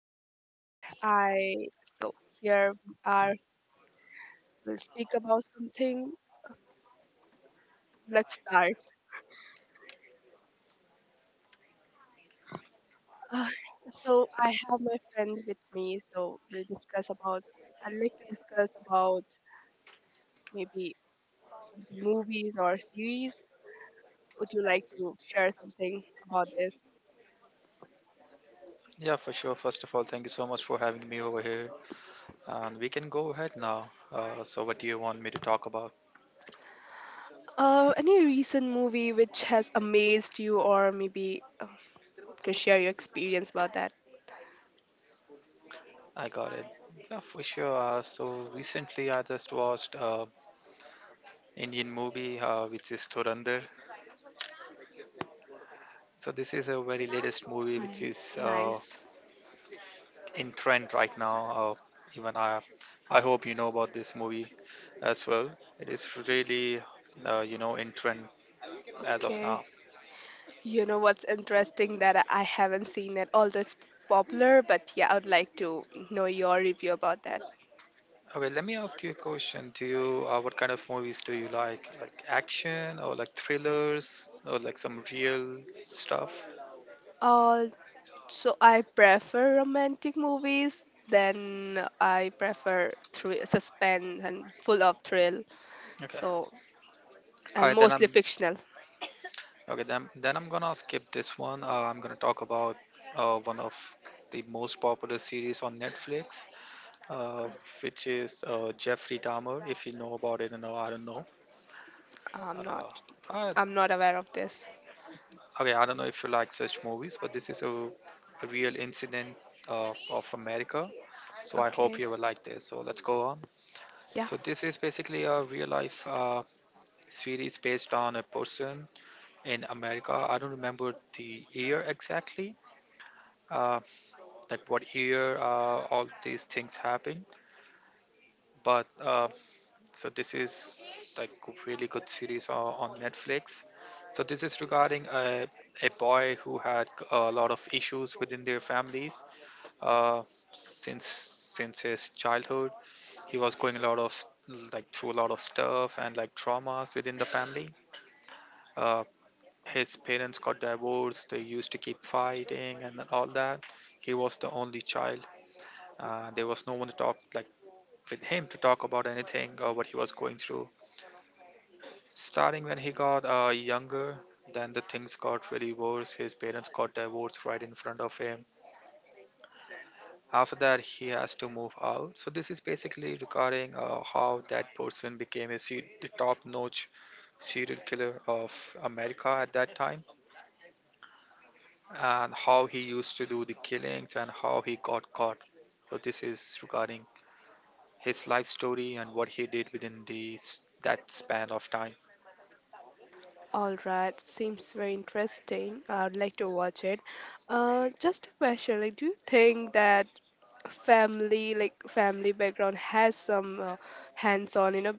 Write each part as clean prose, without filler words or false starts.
Podcast. I so here we are. We'll speak about something. Let's start. Uh, so I have my friend with me. So we'll discuss about. I'd like to discuss about maybe something movies or series. Would you like to share something about this? Yeah, for sure. First of all, thank you so much for having me over here. And we can go ahead now. So, what do you want me to talk about? Any recent movie which has amazed you, or maybe can share your experience about that? I got it. Yeah, for sure. Recently I just watched Indian movie, which is Thurandar. So, this is a very latest movie which Mm, is nice. in trend right now. Even I hope you know about this movie as well. It is really, in trend as of Okay. now. You know what's interesting that I haven't seen it, although it's popular, but yeah, I would like to know your review about that. Okay, let me ask you a question. What kind of movies do you like? Like action or like thrillers or like some real stuff? Uh, so I prefer romantic movies, then I prefer thr suspense and full of thrill. Okay. So, All and right, then I'm mostly fictional. okay. Then I'm gonna skip this one. I'm gonna talk about one of the most popular series on Netflix, uh, which is Jeffrey Dahmer. If you know about it, or no, I don't know. I'm not, Uh, uh, I'm not aware of this. Okay, I don't know if you like such movies, but this is a real incident of America. So I hope Okay. you will like this. So let's go on. Yeah. So this is basically a real life series based on a person in America. I don't remember the year exactly, uh, like what year all these things happened. But so this is like a really good series on Netflix. So this is regarding a boy who had a lot of issues within their families, uh, since his childhood. He was going a lot of like through a lot of stuff and, like, traumas within the family. uh, his parents got divorced. They used to keep fighting and all that. He was the only child. There was no one to talk, like, with him, to talk about anything or what he was going through. Starting when he got younger, then the things got really worse. His parents got divorced right in front of him. After that he has to move out. So this is basically regarding how that person became the top notch serial killer of America at that time, and how he used to do the killings and how he got caught. So this is regarding his life story and what he did within that span of time. All right, seems very interesting. I'd like to watch it. Just a question, like, do you think that family, like family background, has some hands-on,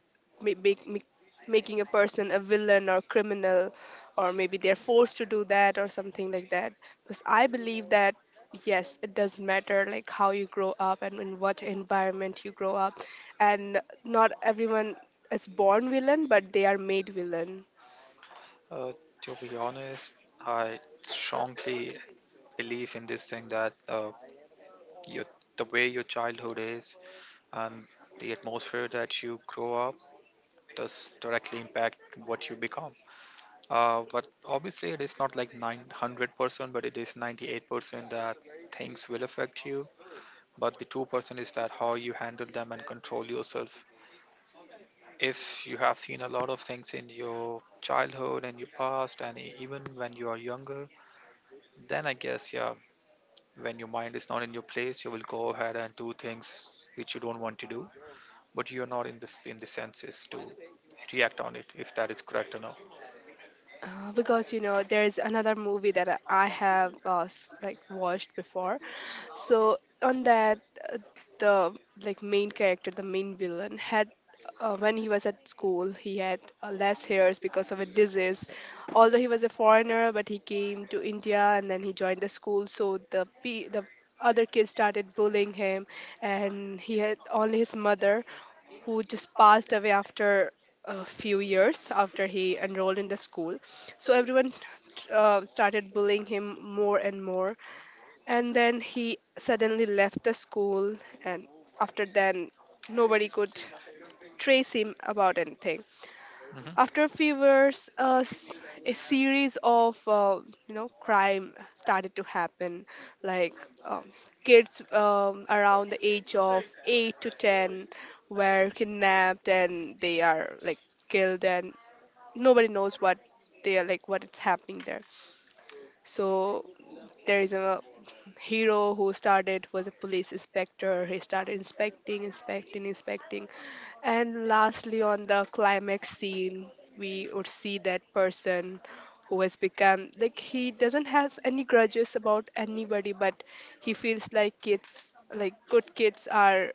ma- make, make, making a person a villain or criminal, or maybe they're forced to do that or something like that? Because I believe that yes, it does matter, like how you grow up and in what environment you grow up, and not everyone is born villain, but they are made villain. Uh, to be honest, I strongly believe in this thing that your, the way your childhood is and the atmosphere that you grow up does directly impact what you become. But obviously, it is not like 900%, but it is 98% that things will affect you. But the 2% is that how you handle them and control yourself. If you have seen a lot of things in your childhood and your past, and even when you are younger, then I guess, yeah, when your mind is not in your place, you will go ahead and do things which you don't want to do, but you are not in the senses to react on it if that is correct or not. Because you know there's another movie that I have like watched before. So on that, uh, the like main character, the main villain, had when he was at school, he had less hairs because of a disease. Although he was a foreigner, but he came to India and then he joined the school. So the other kids started bullying him, and he had only his mother who just passed away after a few years after he enrolled in the school. So everyone started bullying him more and more. And then he suddenly left the school, and after then, nobody could trace him about anything. Hmm. After a few years, a series of you know crime started to happen, like um, kids around the age of eight to ten were kidnapped and they are like killed and nobody knows what they are like what it's happening there. So there is a hero who started was a police inspector. He started inspecting, and lastly, on the climax scene, we would see that person who has become like he doesn't has any grudges about anybody, but he feels like kids, like good kids, are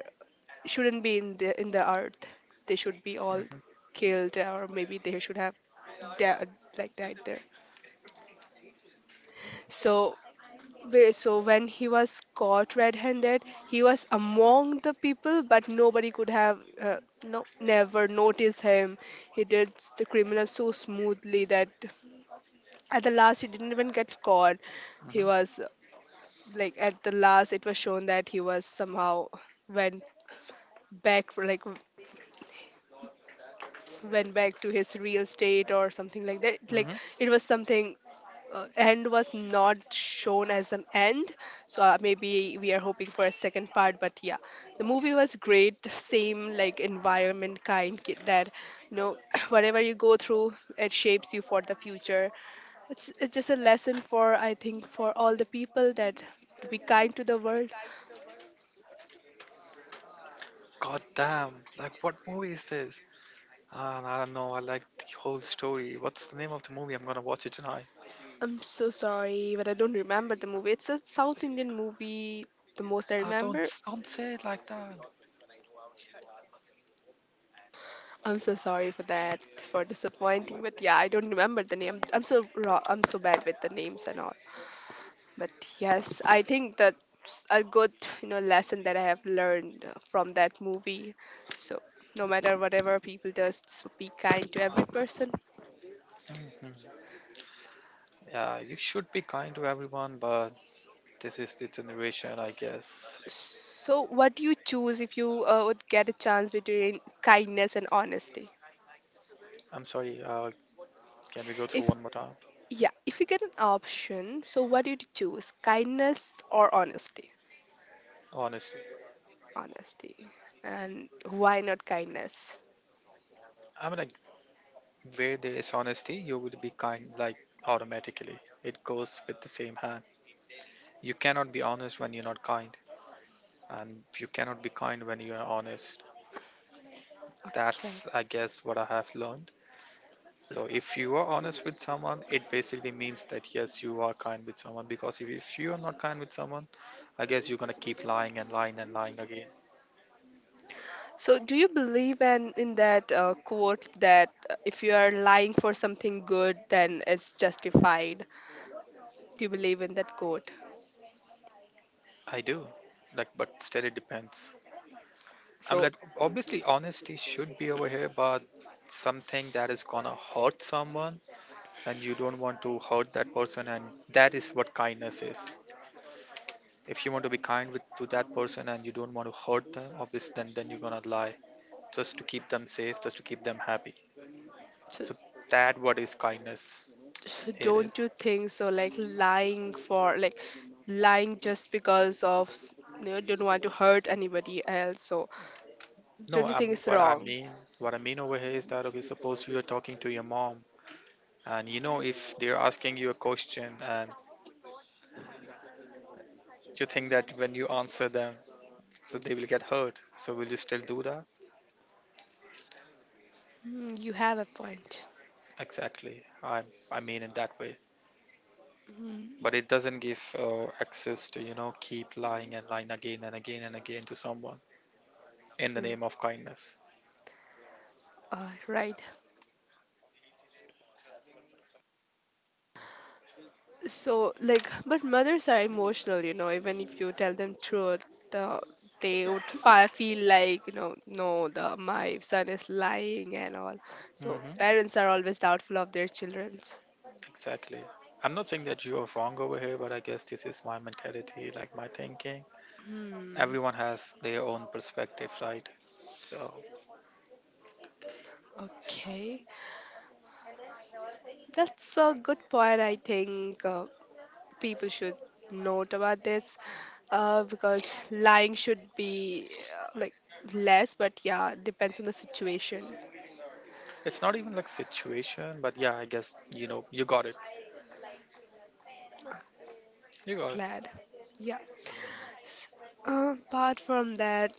shouldn't be in the earth. They should be all Hmm. killed, or maybe they should have, di- like died there. So So when he was caught red-handed, he was among the people, but nobody could have no never noticed him. He did the criminal so smoothly that at the last he didn't even get caught. He Hmm. was like at the last it was shown that he was somehow went back for went back to his real state or something like that. Like Hmm. it was something end was not shown as an end, so maybe we are hoping for a second part, but yeah, the movie was great, same like environment that you know whatever you go through it shapes you for the future. It's just a lesson for I think for all the people that to be kind to the world. God damn! Like, what movie is this? Ah, I don't know. I like the whole story. What's the name of the movie? I'm gonna watch it tonight. I'm so sorry but I don't remember the movie, it's a South Indian movie, the most I Ah, don't remember. don't say it like that. I'm so sorry for that, for disappointing. But yeah, I don't remember the name. I'm so raw. I'm so bad with the names and all. But yes, I think that's a good, you know, lesson that I have learned from that movie. So no matter whatever people does, so be kind to every person. Mhm. Yeah, you should be kind to everyone, but this is the generation, I guess. So what do you choose if you would get a chance between kindness and honesty? I'm sorry. Can we go through If one more time? yeah, if you get an option, so what do you choose, kindness or honesty? Honesty. Honesty. And why not kindness? I mean, like, where there is honesty, you will be kind, like automatically. It goes with the same hand. You cannot be honest when you're not kind, and you cannot be kind when you're honest. Okay, That's, I guess, what I have learned. So, if you are honest with someone, it basically means that yes, you are kind with someone. Because if you are not kind with someone, I guess you're gonna keep lying and lying and lying again. so do you believe in that quote that if you are lying for something good then it's justified? Do you believe in that quote? I do, like, but still, it depends. I mean, so, like, obviously, honesty should be over here, but something that is gonna hurt someone, and you don't want to hurt that person, and that is what kindness is. If you want to be kind to that person and you don't want to hurt them, obviously, then you're gonna lie just to keep them safe, just to keep them happy. so So that what is kindness. so It is. don't you think so like lying for like lying just because of you know, don't want to hurt anybody else, so No, don't you think it's wrong? What I mean over here is that, okay, suppose you are talking to your mom, and if they're asking you a question, and you think that when you answer them, so they will get hurt. So will you still do that? Mm, you have a point. Exactly. I mean in that way. Mm, But it doesn't give access to, keep lying and lying again and again and again to someone, in the r- name of kindness. Right. So, like, but mothers are emotional, you know, even if you tell them truth, uh, they would fi feel like, you know, no, the my son is lying and all. So, Hmm. parents are always doubtful of their children's. Exactly. I'm not saying that you are wrong over here, but I guess this is my mentality, like my thinking. Hmm. Everyone has their own perspective, right? So Okay. That's a good point. I think people should note about this because lying should be like less, but yeah, depends on the situation. it's not even like situation, but yeah, I guess, you got it. You got it. Glad. Yeah. S- apart from that,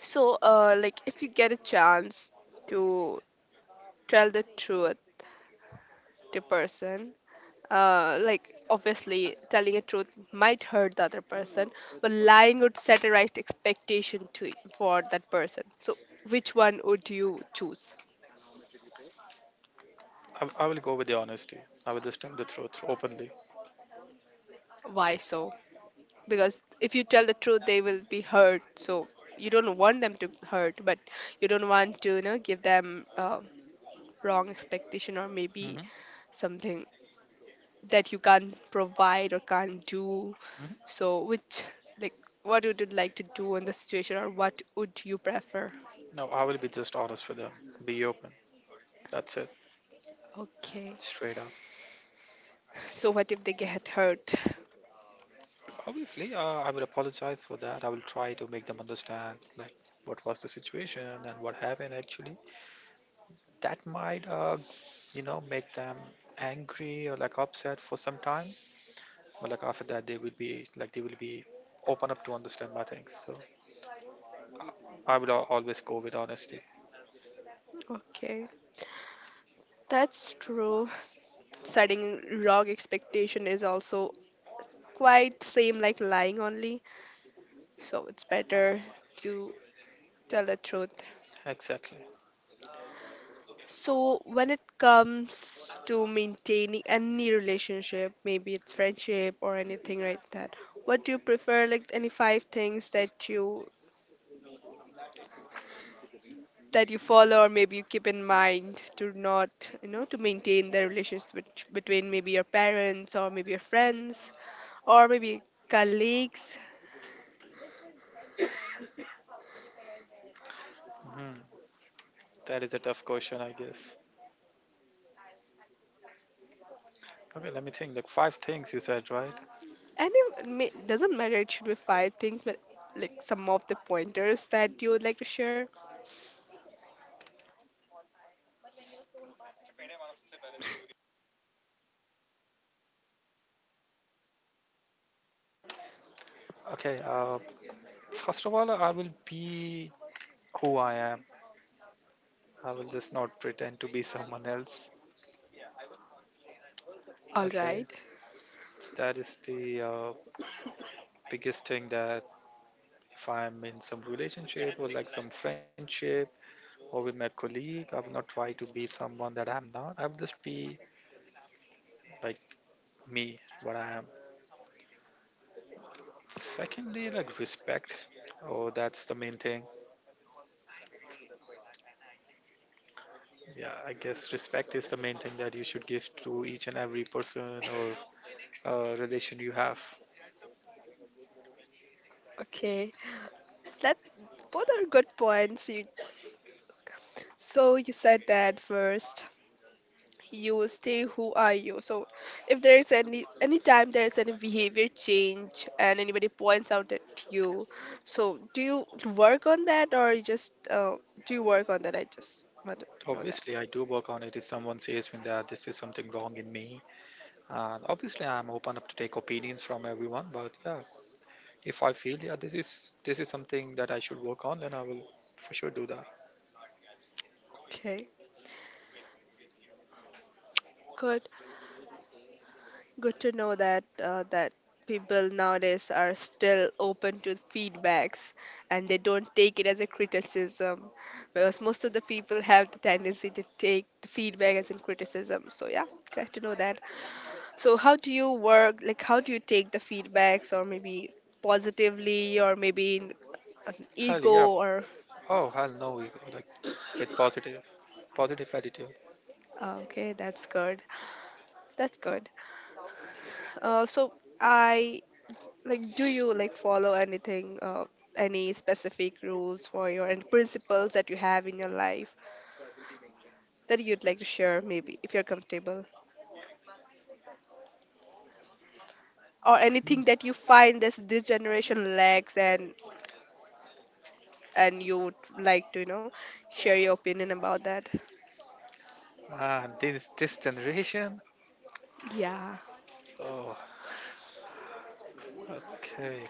so like if you get a chance to tell the truth to person, like obviously telling a truth might hurt the other person, but lying would set a right expectation to for that person. So which one would you choose? I will go with the honesty. I will just tell the truth openly. Why so? Because if you tell the truth, they will be hurt. So you don't want them to hurt, but you don't want to you know give them. Wrong expectation or maybe Hmm. something that you can't provide or can't do, Hmm. so which like what would you like to do in the situation or what would you prefer? No, I will be just honest with them. Be open. That's it. Okay, Straight up. so what if they get hurt? Obviously, I will apologize for that. I will try to make them understand like what was the situation and what happened actually. That might, make them angry or like upset for some time. But like after that, they will be like they will be open up to understand my things. So I will always go with honesty. Okay, that's true. Setting wrong expectation is also quite same like lying only, so it's better to tell the truth. Exactly. So, when it comes to maintaining any relationship, maybe it's friendship or anything like that, what do you prefer? Like any 5 things that you follow or maybe you keep in mind to not, you know, to maintain the relationship between maybe your parents or maybe your friends or maybe colleagues. Mhm. That is a tough question, I guess. Okay, let me think. Like five things you said, right? Any doesn't matter. It should be 5 things, but like some of the pointers that you would like to share. Okay. First of all, I will be who I am. I will just not pretend to be someone else. All Okay, right. so that is the biggest thing that if I'm in some relationship or like some friendship or with my colleague, I will not try to be someone that I'm not. I will just be like me, what I am. Secondly, like respect. Oh, that's the main thing. Yeah, I guess respect is the main thing that you should give to each and every person or relation you have. Okay. That both are good points. You, so you said that first. You stay who are you. So if there is any time there is any behavior change and anybody points out at you, so do you work on that or you just do you work on that? I just wanted to know that. Obviously, I do work on it. If someone says me that this is something wrong in me. And obviously, I'm open up to take opinions from everyone. But yeah, if I feel yeah, this is something that I should work on, then I will for sure do that. Okay, good. Good to know that that people nowadays are still open to feedbacks and they don't take it as a criticism because most of the people have the tendency to take the feedback as in criticism. So yeah, glad to know that. So how do you work? Like how do you take the feedbacks or maybe positively or maybe in an Hell ego yeah! or Oh hell no! you Like with positive attitude. Okay, that's good. That's good. So I like do you like follow anything any specific rules for your and principles that you have in your life that you'd like to share maybe if you're comfortable or anything that you find this generation lacks and you would like to you know share your opinion about that? And this generation. Yeah, Oh, okay.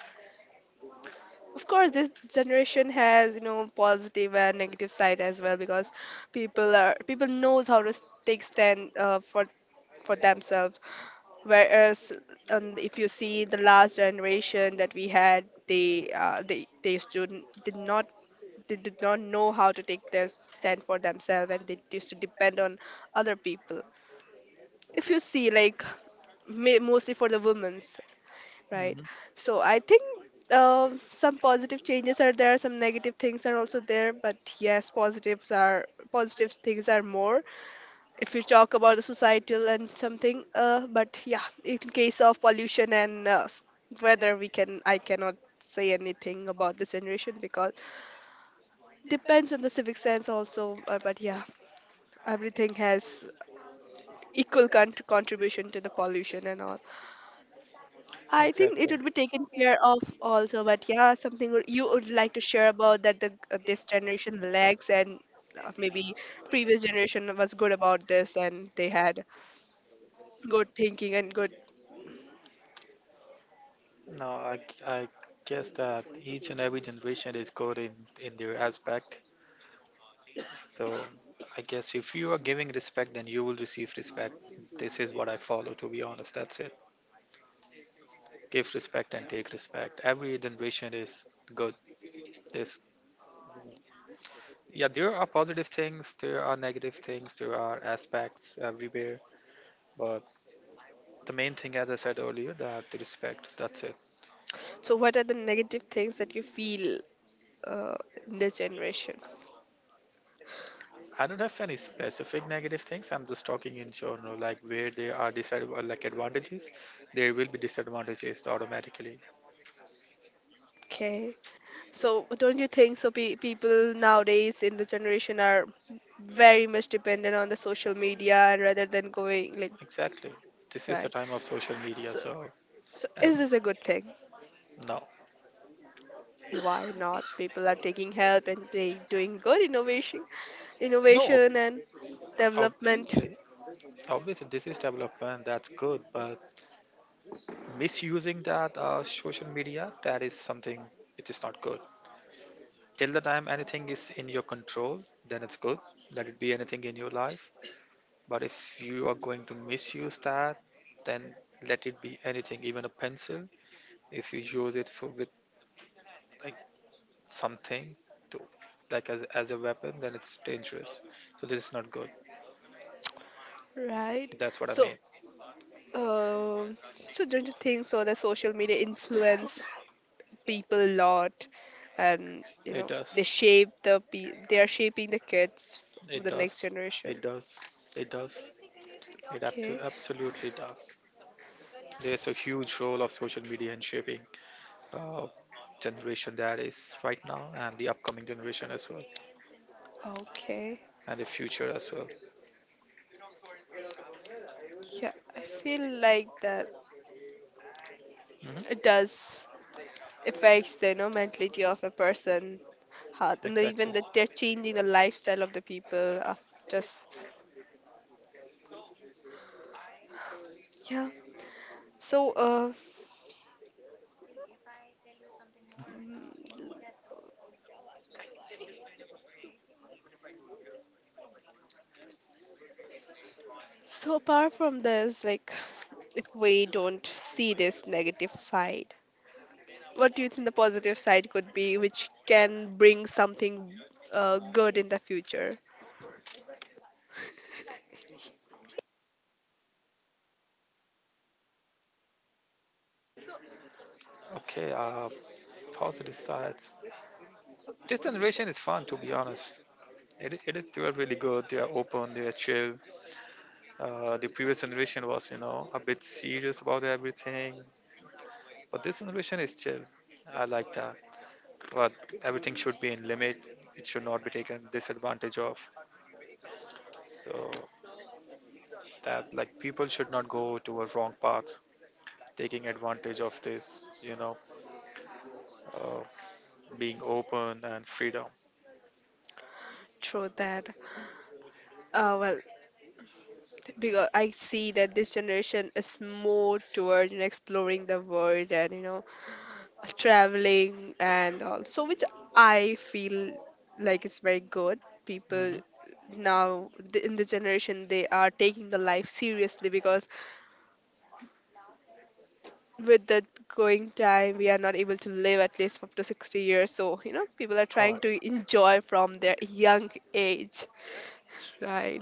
of course this generation has you know positive and negative side as well because people are people knows how to take stand for themselves, whereas if you see the last generation that we had, they they used to did not know how to take their stand for themselves and they used to depend on other people, if you see like mostly for the women's, right? Hmm. So I think some positive changes are there, some negative things are also there, but yes positive things are more if you talk about the societal and something but yeah in case of pollution and weather we can I cannot say anything about this generation because depends on the civic sense also but yeah everything has equal contribution to the pollution and all. I think it Exactly. would be taken care of also, but yeah, something would- you would like to share about that the this generation lacks and maybe previous generation was good about this and they had good thinking and good. No, I guess that each and every generation is good in their aspect. So I guess if you are giving respect, then you will receive respect. This is what I follow. To be honest, that's it. Give respect and take respect. Every generation is good. There's yeah, there are positive things, there are negative things, there are aspects everywhere. But the main thing, as I said earlier, that the respect. That's it. So what are the negative things that you feel uh, in this generation? I don't have any specific negative things. I'm just talking in general, like where there are disadvantages, like advantages, there will be disadvantages automatically. Okay, so don't you think so? People nowadays in the generation are very much dependent on the social media and rather than going like Exactly. This is the right. time of social media, So so so um, is this a good thing? no, Why not people are taking help and they doing good no, innovation and development, obviously, obviously, this is development. That's good, but misusing that social media, that is something which is not good. Till the time anything is in your control, then it's good. Let it be anything in your life. But if you are going to misuse that, then, let it be anything, even a pencil. If you use it for, with, like, something, to, like, as a weapon, then it's dangerous. So this is not good. right? That's what I mean. So uh, so don't you think so that social media influence people a lot and you It know they does. shape they are shaping the kids of It the next does. It generation? does. It does. It Okay. absolutely does. There's a huge role of social media in shaping uh, generation that is right now, and the upcoming generation as well, Okay. and the future as well. Yeah, I feel like that Hmm. it does affects the mentality of a person heart and even Exactly. that they're changing the lifestyle of the people of just yeah so so apart from this, if we don't see this negative side, what do you think the positive side could be, which can bring something good in the future Okay, positive sides. This generation is fun, to be honest. It, I- it, is- they are really good. They are open. They are chill. The previous generation was, a bit serious about everything, but this generation is chill. I like that. But everything should be in limit. It should not be taken disadvantage of. So that like people should not go to a wrong path, taking advantage of this, uh, being open and freedom. through that? Well, because I see that this generation is more toward exploring the world and traveling and all, so which I feel like is very good. people Hmm. In the generation they are taking the life seriously because with the going time we are not able to live at least up to 60 years, so you know people are Oh, trying to enjoy from their young age, right?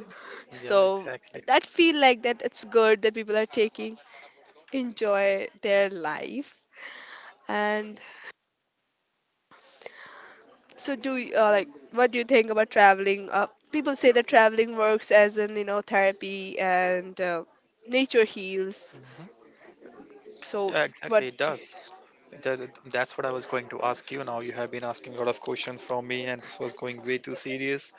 yeah, So exactly. that feel like that it's good that people are taking enjoy their life. And so do you, like what do you think about traveling? People say that traveling works as in you know therapy and nature heals. Hmm. So Yeah, what? exactly. It Do you, does. That, that's what I was going to ask you. Now you have been asking a lot of questions from me, and this was going way too serious.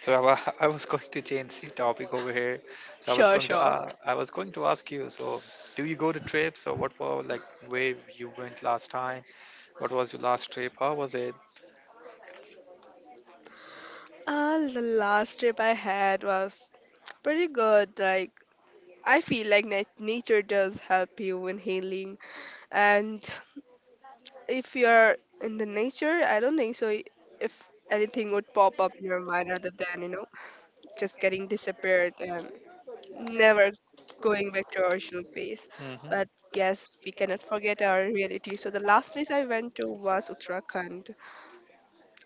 So I was going to change the topic over here. So I was sure, going to sure. I was going to ask you. So do you go to trips or what were like, where you went last time? What was your last trip? How was it? The last trip I had was pretty good. Like I feel like nature does help you in healing, and if you're in the nature, I don't think so. If anything would pop up in your mind other than you know just getting disappeared and never going back to our original pace. Hmm. Hmm. But yes, we cannot forget our reality. So the last place I went to was Uttarakhand.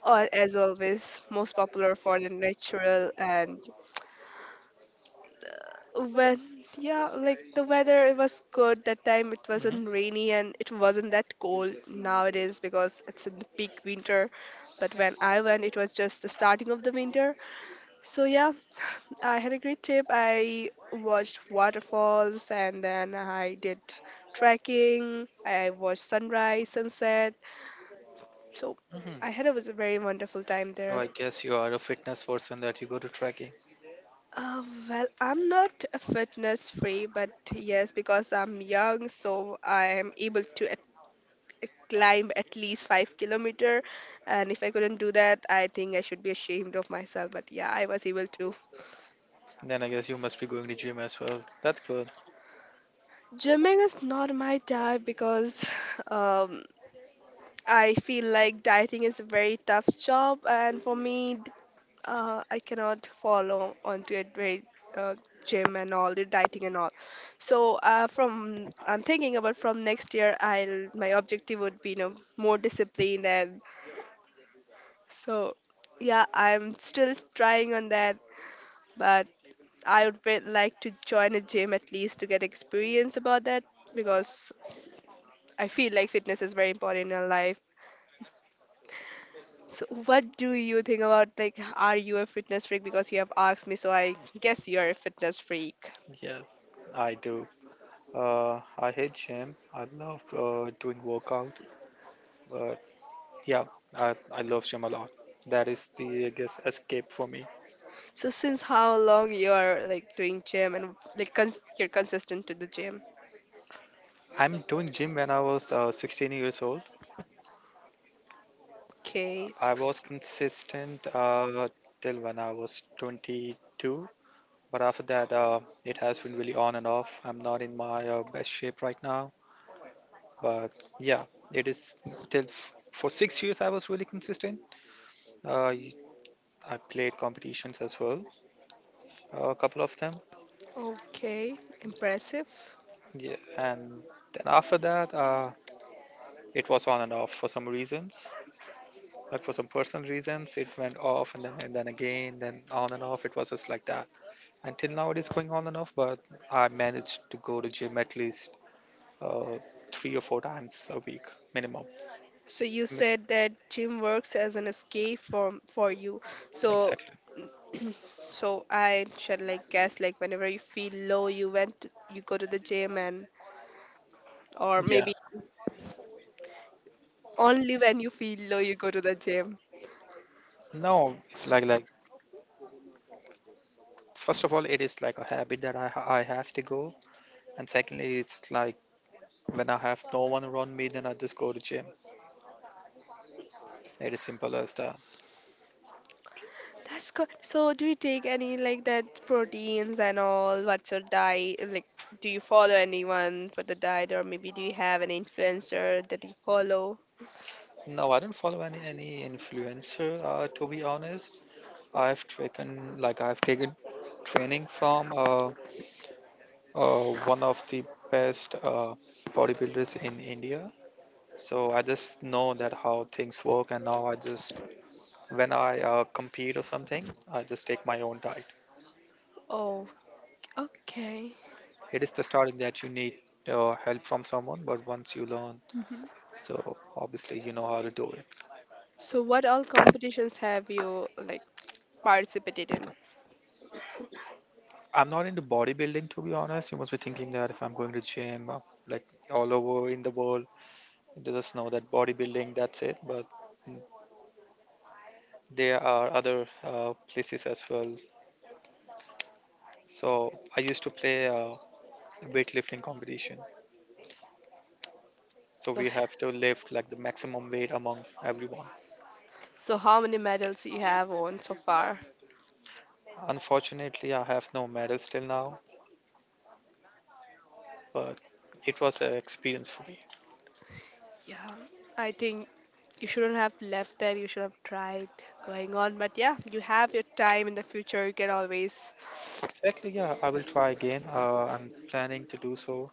Or as always, most popular for the natural and when yeah like the weather, it was good that time. It wasn't rainy and it wasn't that cold nowadays because it's in the peak winter, but when I went, it was just the starting of the winter. So yeah, I had a great trip. I watched waterfalls and then I did trekking. I watched sunrise, sunset. So Hmm. I had a was a very wonderful time So there. I guess you are a fitness person that you go to trekking. Uh, well, I'm not a fitness free, but yes, because I'm young, so I am able to climb at least 5 kilometer. And if I couldn't do that, I think I should be ashamed of myself. But yeah, I was able to. Then I guess you must be going to gym as well. That's good. Gymming is not my type because um, I feel like dieting is a very tough job, and for me, I cannot follow onto it very uh, gym and all the dieting and all. So from I'm thinking about from next year, I'll my objective would be you know more disciplined and so yeah, I'm still trying on that, but I would like to join a gym at least to get experience about that because I feel like fitness is very important in your life. So, what do you think about like, are you a fitness freak? Because you have asked me, so I guess you're a fitness freak. Yes, I do. Uh, I hate gym. I love doing workout, but yeah, I love gym a lot. That is the, I guess, escape for me. So, since how long you're like doing gym and like you're consistent to the gym? I'm doing gym when I was 16 years old. Okay, I was 16. consistent till when I was 22. But after that, it has been really on and off. I'm not in my best shape right now. But yeah, it is till for six years I was really consistent. Uh, y- I played competitions as well, a couple of them. Okay, impressive. Yeah, and then after that, it was on and off for some reasons. Like for some personal reasons, it went off and then again, then on and off. It was just like that. Until now, it is going on and off, but I managed to go to gym at least uh, 3 or 4 times a week minimum. So you Mm. said that gym works as an escape from for you. So Exactly. so I should like guess like whenever you feel low, you went to, you go to the gym and or Yeah. maybe only when you feel low, you go to the gym. No, it's like first of all, it is like a habit that I have to go, and secondly, it's like when I have no one around me, then I just go to gym. It is simple as that. That's good. So, do you take any like that proteins and all? What's your diet? Like, do you follow anyone for the diet, or maybe do you have an influencer that you follow? No, I don't follow any influencer. To be honest, I've taken training from uh one of the best bodybuilders in India. So I just know that how things work, and now I just when I compete or something, I just take my own diet. Oh, okay. It is the starting that you need help from someone, but once you learn, Hmm. so obviously you know how to do it. So, what all competitions have you like participated in? I'm not into bodybuilding, to be honest. You must be thinking that if I'm going to gym, like all over in the world, they just know that bodybuilding, that's it. But mm, there are other places as well. So I used to play weightlifting competition. So So, we have to lift like the maximum weight among everyone. so how many medals you have won so far? Unfortunately, I have no medals till now, but it was an experience for me. Yeah, I think you shouldn't have left there. You should have tried going on. But yeah, you have your time in the future. You can always. Exactly, yeah, I will try again. I'm planning to do so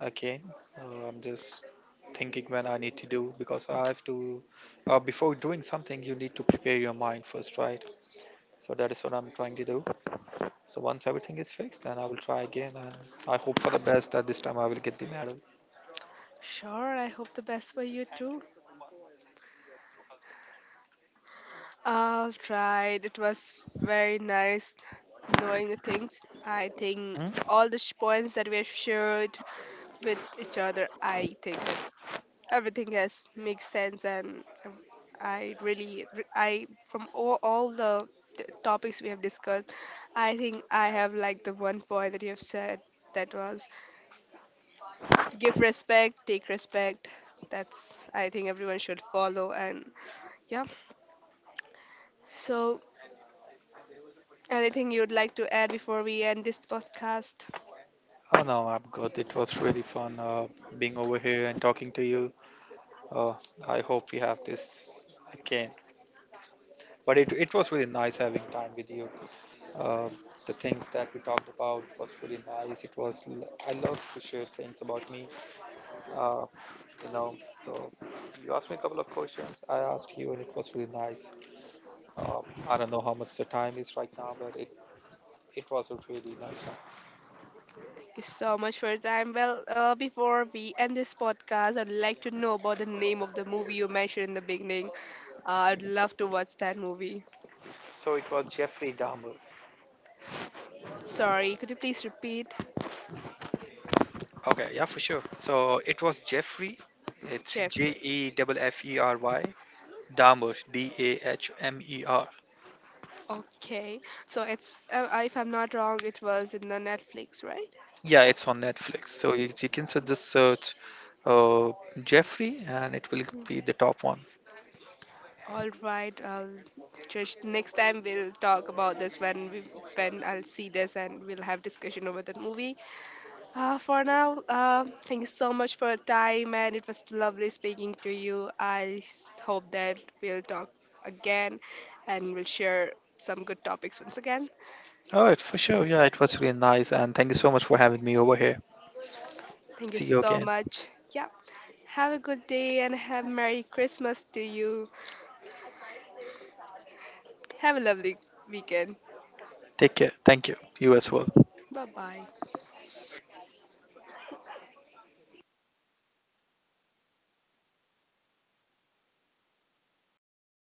again. I'm just thinking when I need to do because I have to, before doing something, you need to prepare your mind first, right? So that is what I'm trying to do. So once everything is fixed, then I will try again and I hope for the best that this time I will get the medal. Sure, I hope the best for you too. All right, it was very nice knowing the things. I think Hmm? all the points that we have shared with each other, I think that everything has makes sense, and I from all the topics we have discussed, I think I have like the one point that you have said, that was give respect take respect. That's I think everyone should follow, and yeah, so anything you'd like to add before we end this podcast? Oh no, I'm good. It was really fun being over here and talking to you. Uh, I hope we have this again. But it was really nice having time with you. uh, the things that we talked about was really nice. It was I love to share things about me, uh, you know. So you asked me a couple of questions. I asked you, and it was really nice. Uh, I don't know how much the time is right now, but it was a really nice time. Thank you so much for your time. Well, before we end this podcast, I'd like to know about the name of the movie you mentioned in the beginning. I'd love to watch that movie. So it was Jeffrey Dahmer. Sorry, could you please repeat? Okay, yeah, for sure. So it was Jeffrey. It's J Jeffrey. E F F E R Y Dahmer D A H M E R. Okay, so it's if I'm not wrong, it was in the Netflix, right? Yeah, it's on Netflix. So you can just search uh, Jeffrey and it will be the top one. All right, I'll just next time we'll talk about this when we when I'll see this and we'll have discussion over that movie. For now, thank you so much for your time, and it was lovely speaking to you. I hope that we'll talk again and we'll share some good topics once again. All right, for sure. Yeah, it was really nice. And thank you so much for having me over here. Thank you See you so again. much. Yeah. Have a good day and have Merry Christmas to you. Have a lovely weekend. Take care. Thank you. You as well. Bye bye.